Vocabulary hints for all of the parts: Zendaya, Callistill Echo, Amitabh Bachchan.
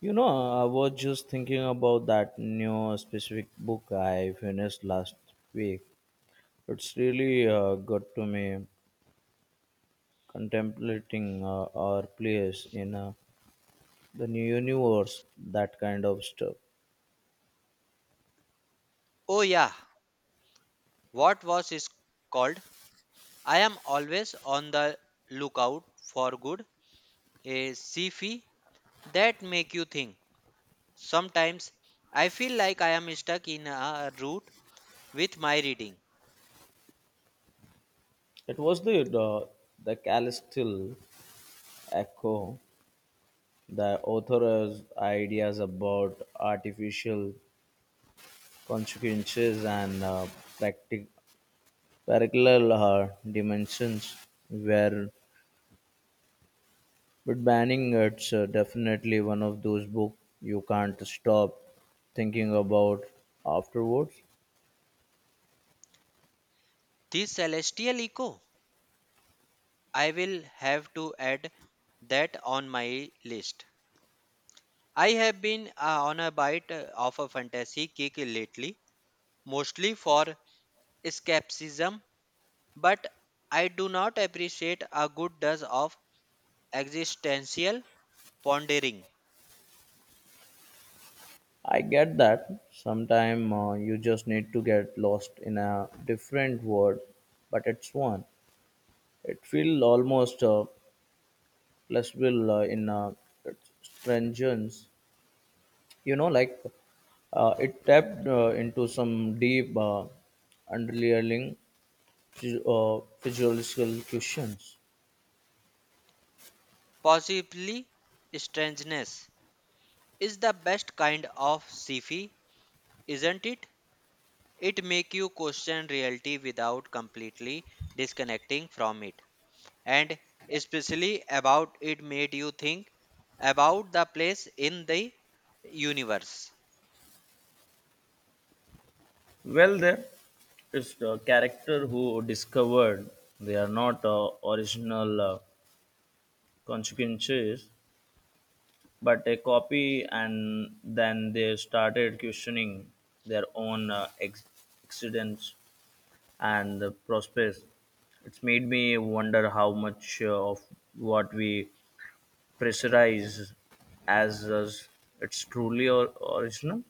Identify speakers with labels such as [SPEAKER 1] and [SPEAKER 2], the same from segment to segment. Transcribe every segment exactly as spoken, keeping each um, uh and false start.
[SPEAKER 1] You know, I was just thinking about that new specific book I finished last week. It's really uh, got to me contemplating uh, our place in uh, the new universe, that kind of stuff.
[SPEAKER 2] Oh, yeah. What was is called? I am always on the lookout for good, a sci-fi that make you think. Sometimes I feel like I am stuck in a rut with my reading.
[SPEAKER 1] It was the the, the Callistill Echo, the author's ideas about artificial consequences and uh, practic- parallel uh, dimensions were but banning it's uh, definitely one of those books you can't stop thinking about afterwards.
[SPEAKER 2] This celestial echo, I will have to add that on my list. I have been uh, on a bite uh, of a fantasy kick lately, mostly for escapism, but I do not appreciate a good dose of existential pondering,
[SPEAKER 1] I get that. Sometimes uh, you just need to get lost in a different world, but it's one. It feels almost uh, pleasurable uh, in uh, its stringence. You know, like uh, it tapped uh, into some deep uh, underlying phys- uh, physiological questions.
[SPEAKER 2] possibly strangeness, is the best kind of sci-fi, isn't it? It make you question reality without completely disconnecting from it, and especially about it made you think about the place in the universe.
[SPEAKER 1] Well, there is a character who discovered they are not uh, original uh, consequences, but a copy, and then they started questioning their own uh, ex- accidents and the prospects. It's made me wonder how much uh, of what we pressurize as us it's truly or- original.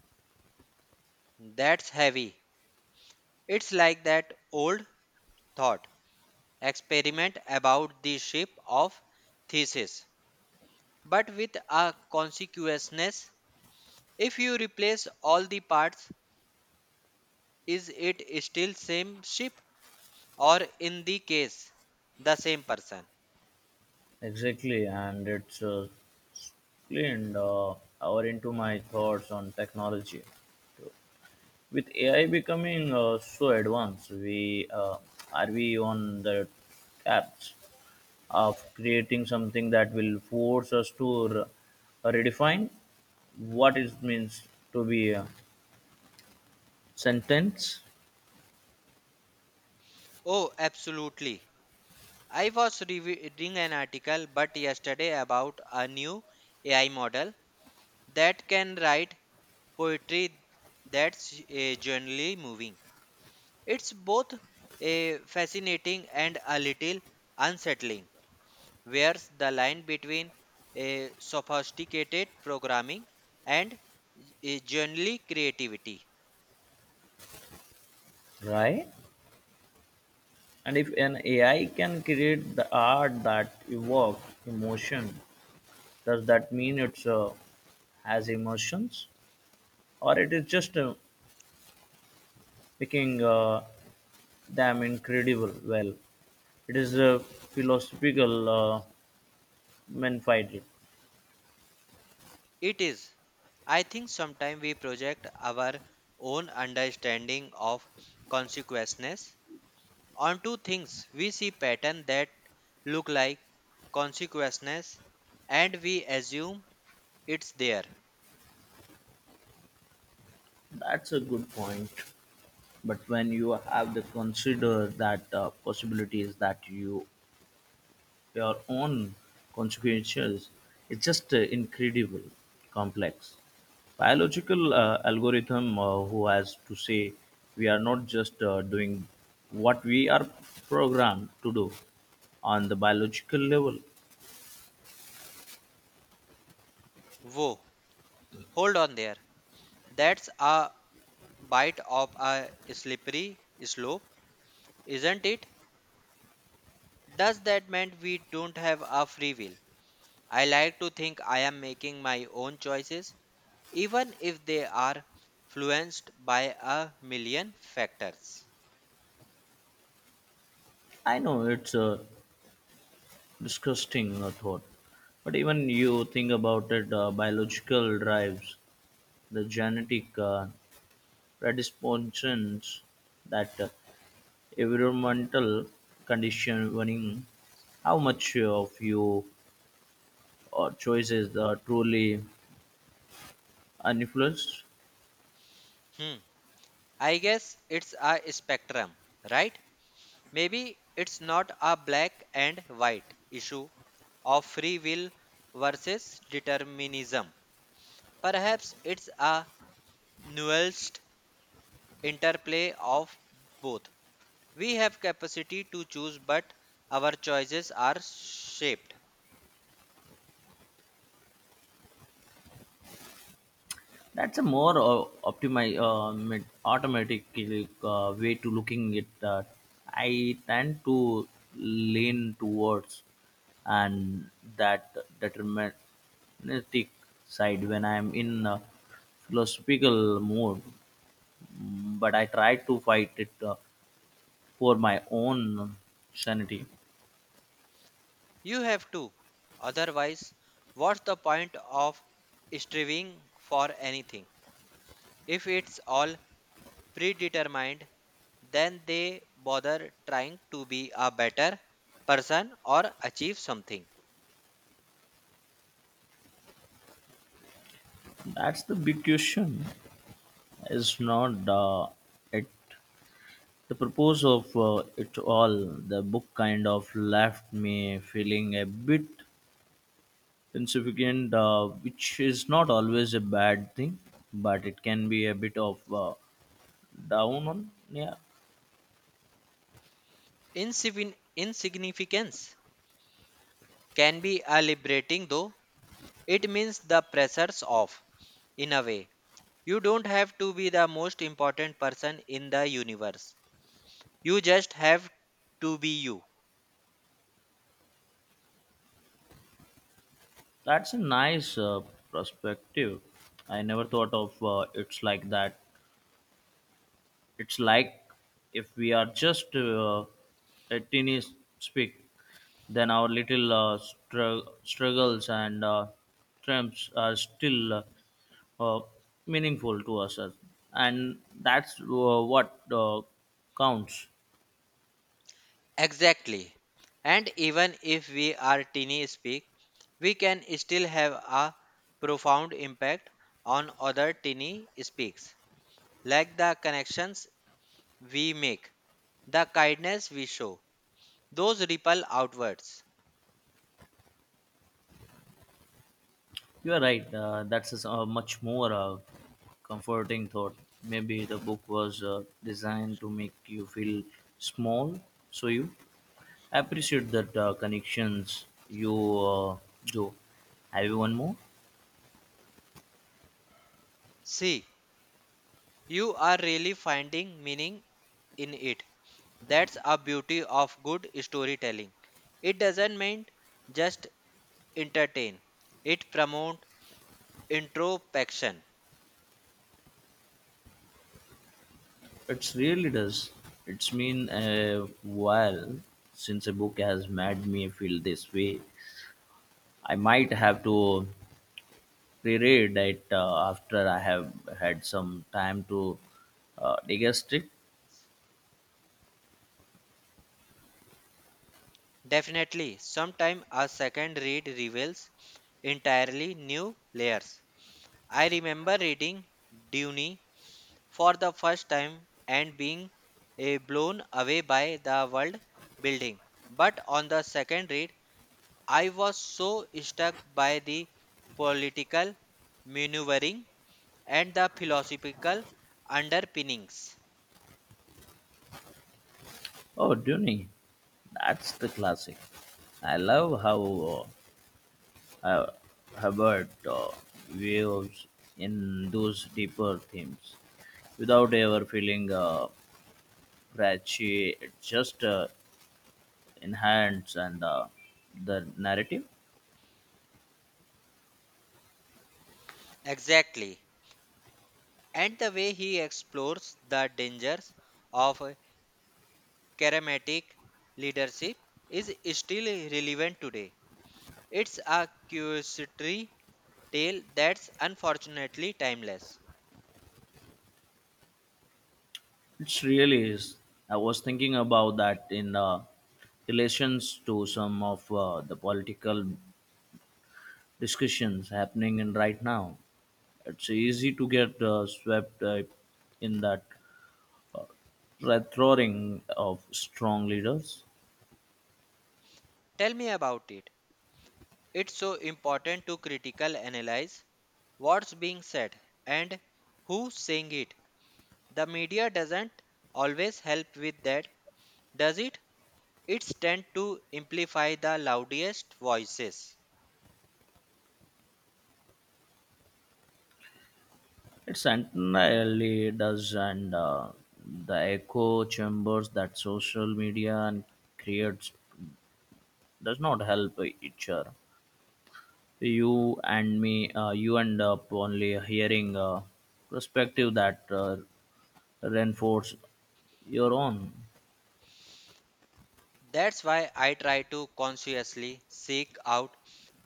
[SPEAKER 2] That's heavy. It's like that old thought experiment about the shape of thesis, but with a consequentness. If you replace all the parts, is it still same ship or in the case the same person?
[SPEAKER 1] Exactly, and it's uh, Clint, uh, hour into my thoughts on technology. With A I becoming uh, so advanced, we uh, are we on the apps of creating something that will force us to re- redefine what it means to be a sentence,
[SPEAKER 2] Oh, absolutely. I was reading an article but yesterday about a new A I model that can write poetry that's uh, generally moving. It's both uh, fascinating and a little unsettling. Where's the line between a sophisticated programming and a generally creativity?
[SPEAKER 1] right? And if an A I can create the art that evokes emotion, does that mean it's uh, has emotions, or it is just a making uh, them incredible well. It is a philosophical uh, menfighting.
[SPEAKER 2] It is, I think sometimes we project our own understanding of consequences onto things. We see patterns that look like consequences and we assume it's there.
[SPEAKER 1] That's a good point. But when you have to consider that uh, possibilities that you your own consequences, it's just uh, incredible complex. Biological uh, algorithm uh, who has to say we are not just uh, doing what we are programmed to do on the biological level.
[SPEAKER 2] Whoa, hold on there. That's a bite of a slippery slope, isn't it? Does that mean we don't have a free will? I like to think I am making my own choices, even if they are influenced by a million factors.
[SPEAKER 1] I know it's a disgusting uh, thought, but even you think about it, uh, biological drives, the genetic uh, predispositions, that uh, environmental conditioning, how much of you or choices are truly uninfluenced?
[SPEAKER 2] Hmm. I guess it's a spectrum, right? Maybe it's not a black and white issue of free will versus determinism. Perhaps it's a nuanced interplay of both. We have capacity to choose, but our choices are shaped.
[SPEAKER 1] That's a more uh, optimi- uh, mit- automatic uh, way to looking at that. I tend to lean towards and that deterministic side when I'm in a philosophical mood, but I try to fight it uh, for my own sanity.
[SPEAKER 2] You have to. Otherwise, what's the point of striving for anything? If it's all predetermined, then they bother trying to be a better person or achieve something.
[SPEAKER 1] That's the big question. It's not uh, it the purpose of uh, it all. The book kind of left me feeling a bit insignificant, uh, which is not always a bad thing, but it can be a bit of uh, down on. Yeah,
[SPEAKER 2] Insigni- insignificance can be a liberating though, it means the pressure's off in a way. You don't have to be the most important person in the universe. You just have to be you.
[SPEAKER 1] that's a nice uh, perspective. I never thought of uh, it's like that. It's like if we are just uh, a teeny speak, then our little uh, strug- struggles and uh, triumphs are still uh, uh, meaningful to us, as- and that's uh, what uh, counts.
[SPEAKER 2] Exactly. And even if we are teeny speak, we can still have a profound impact on other teeny speaks, like the connections we make, the kindness we show. Those ripple outwards.
[SPEAKER 1] You are right. Uh, that's a s- a much more uh, comforting thought. Maybe the book was uh, designed to make you feel small, so you I appreciate that uh, connections you uh, do. Have you one more?
[SPEAKER 2] See, you are really finding meaning in it. That's a beauty of good storytelling. It doesn't mean just entertain. It promotes introspection.
[SPEAKER 1] It really does. It's been a while since a book has made me feel this way. I might have to reread it uh, after I have had some time to uh, digest it.
[SPEAKER 2] Definitely, sometime a second read reveals entirely new layers. I remember reading Dune for the first time and being eh, blown away by the world building. But on the second read, I was so struck by the political maneuvering and the philosophical underpinnings.
[SPEAKER 1] Oh, Dune, that's the classic. I love how uh, uh, Hubbard uh, views in those deeper themes, without ever feeling uh, preachy. It just uh, enhances and uh, the narrative.
[SPEAKER 2] Exactly. And the way he explores the dangers of charismatic leadership is still relevant today. It's a curiosity tale that's unfortunately timeless.
[SPEAKER 1] It's really is. I was thinking about that in uh, relations to some of uh, the political discussions happening in right now. It's easy to get uh, swept uh, in that red roaring of strong leaders.
[SPEAKER 2] Tell me about it. It's so important to critical analyze what's being said and who's saying it. The media doesn't always help with that, does it? It's tend to amplify the loudest voices.
[SPEAKER 1] It entirely does, and uh, the echo chambers that social media and creates does not help each other. You and me, uh, you end up only hearing a perspective that uh, reinforce your own.
[SPEAKER 2] That's why I try to consciously seek out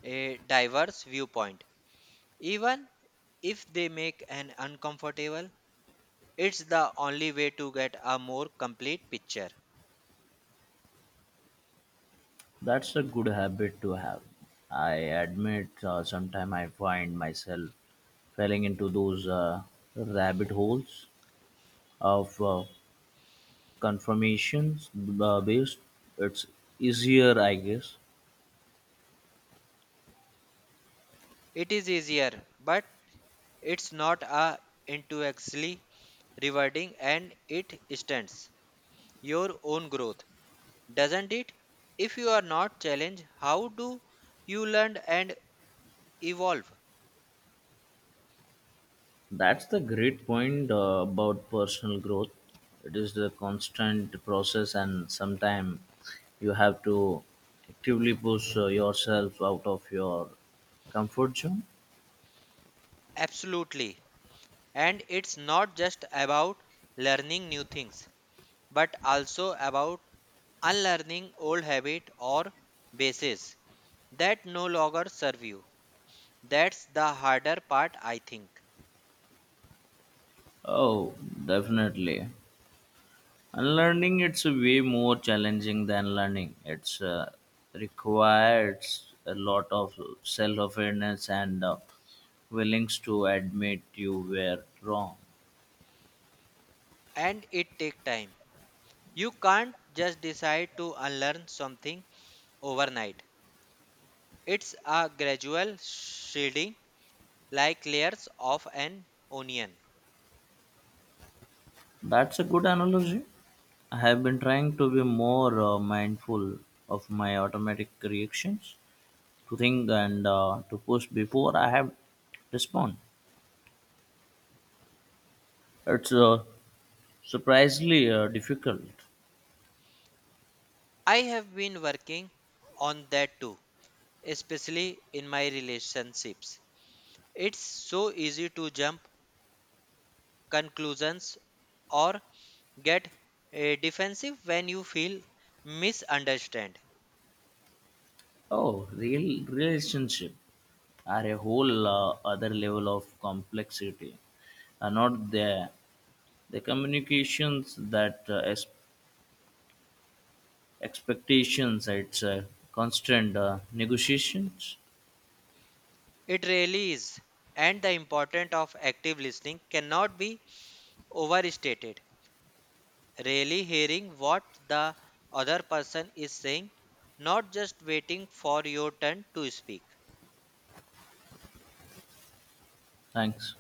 [SPEAKER 2] a diverse viewpoint. Even if they make an uncomfortable, it's the only way to get a more complete picture.
[SPEAKER 1] That's a good habit to have. I admit, uh, sometimes I find myself falling into those uh, rabbit holes of uh, confirmations uh, based, it's easier I guess.
[SPEAKER 2] It is easier, but it's not a intellectually rewarding and it stunts your own growth, doesn't it? If you are not challenged, how do you learn and evolve?
[SPEAKER 1] That's the great point uh, about personal growth. It is the constant process, and sometimes you have to actively push uh, yourself out of your comfort zone.
[SPEAKER 2] Absolutely. And it's not just about learning new things, but also about unlearning old habit or bases that no longer serve you. That's the harder part, I think.
[SPEAKER 1] Oh, definitely. Unlearning it's way more challenging than learning. It's uh, requires a lot of self-awareness and uh, willingness to admit you were wrong.
[SPEAKER 2] And it takes time. You can't just decide to unlearn something overnight. It's a gradual shading, like layers of an onion.
[SPEAKER 1] That's a good analogy. I have been trying to be more uh, mindful of my automatic reactions, to think and uh, to push before I have respond. It's uh, surprisingly uh, difficult.
[SPEAKER 2] I have been working on that too, especially in my relationships. It's so easy to jump conclusions or get eh, defensive when you feel misunderstood.
[SPEAKER 1] Oh, real relationship are a whole uh, other level of complexity. Are not there the communications that uh, ex- expectations? It's a constant uh, negotiations.
[SPEAKER 2] It really is, and the importance of active listening cannot be overstated. Really hearing what the other person is saying, not just waiting for your turn to speak.
[SPEAKER 1] Thanks.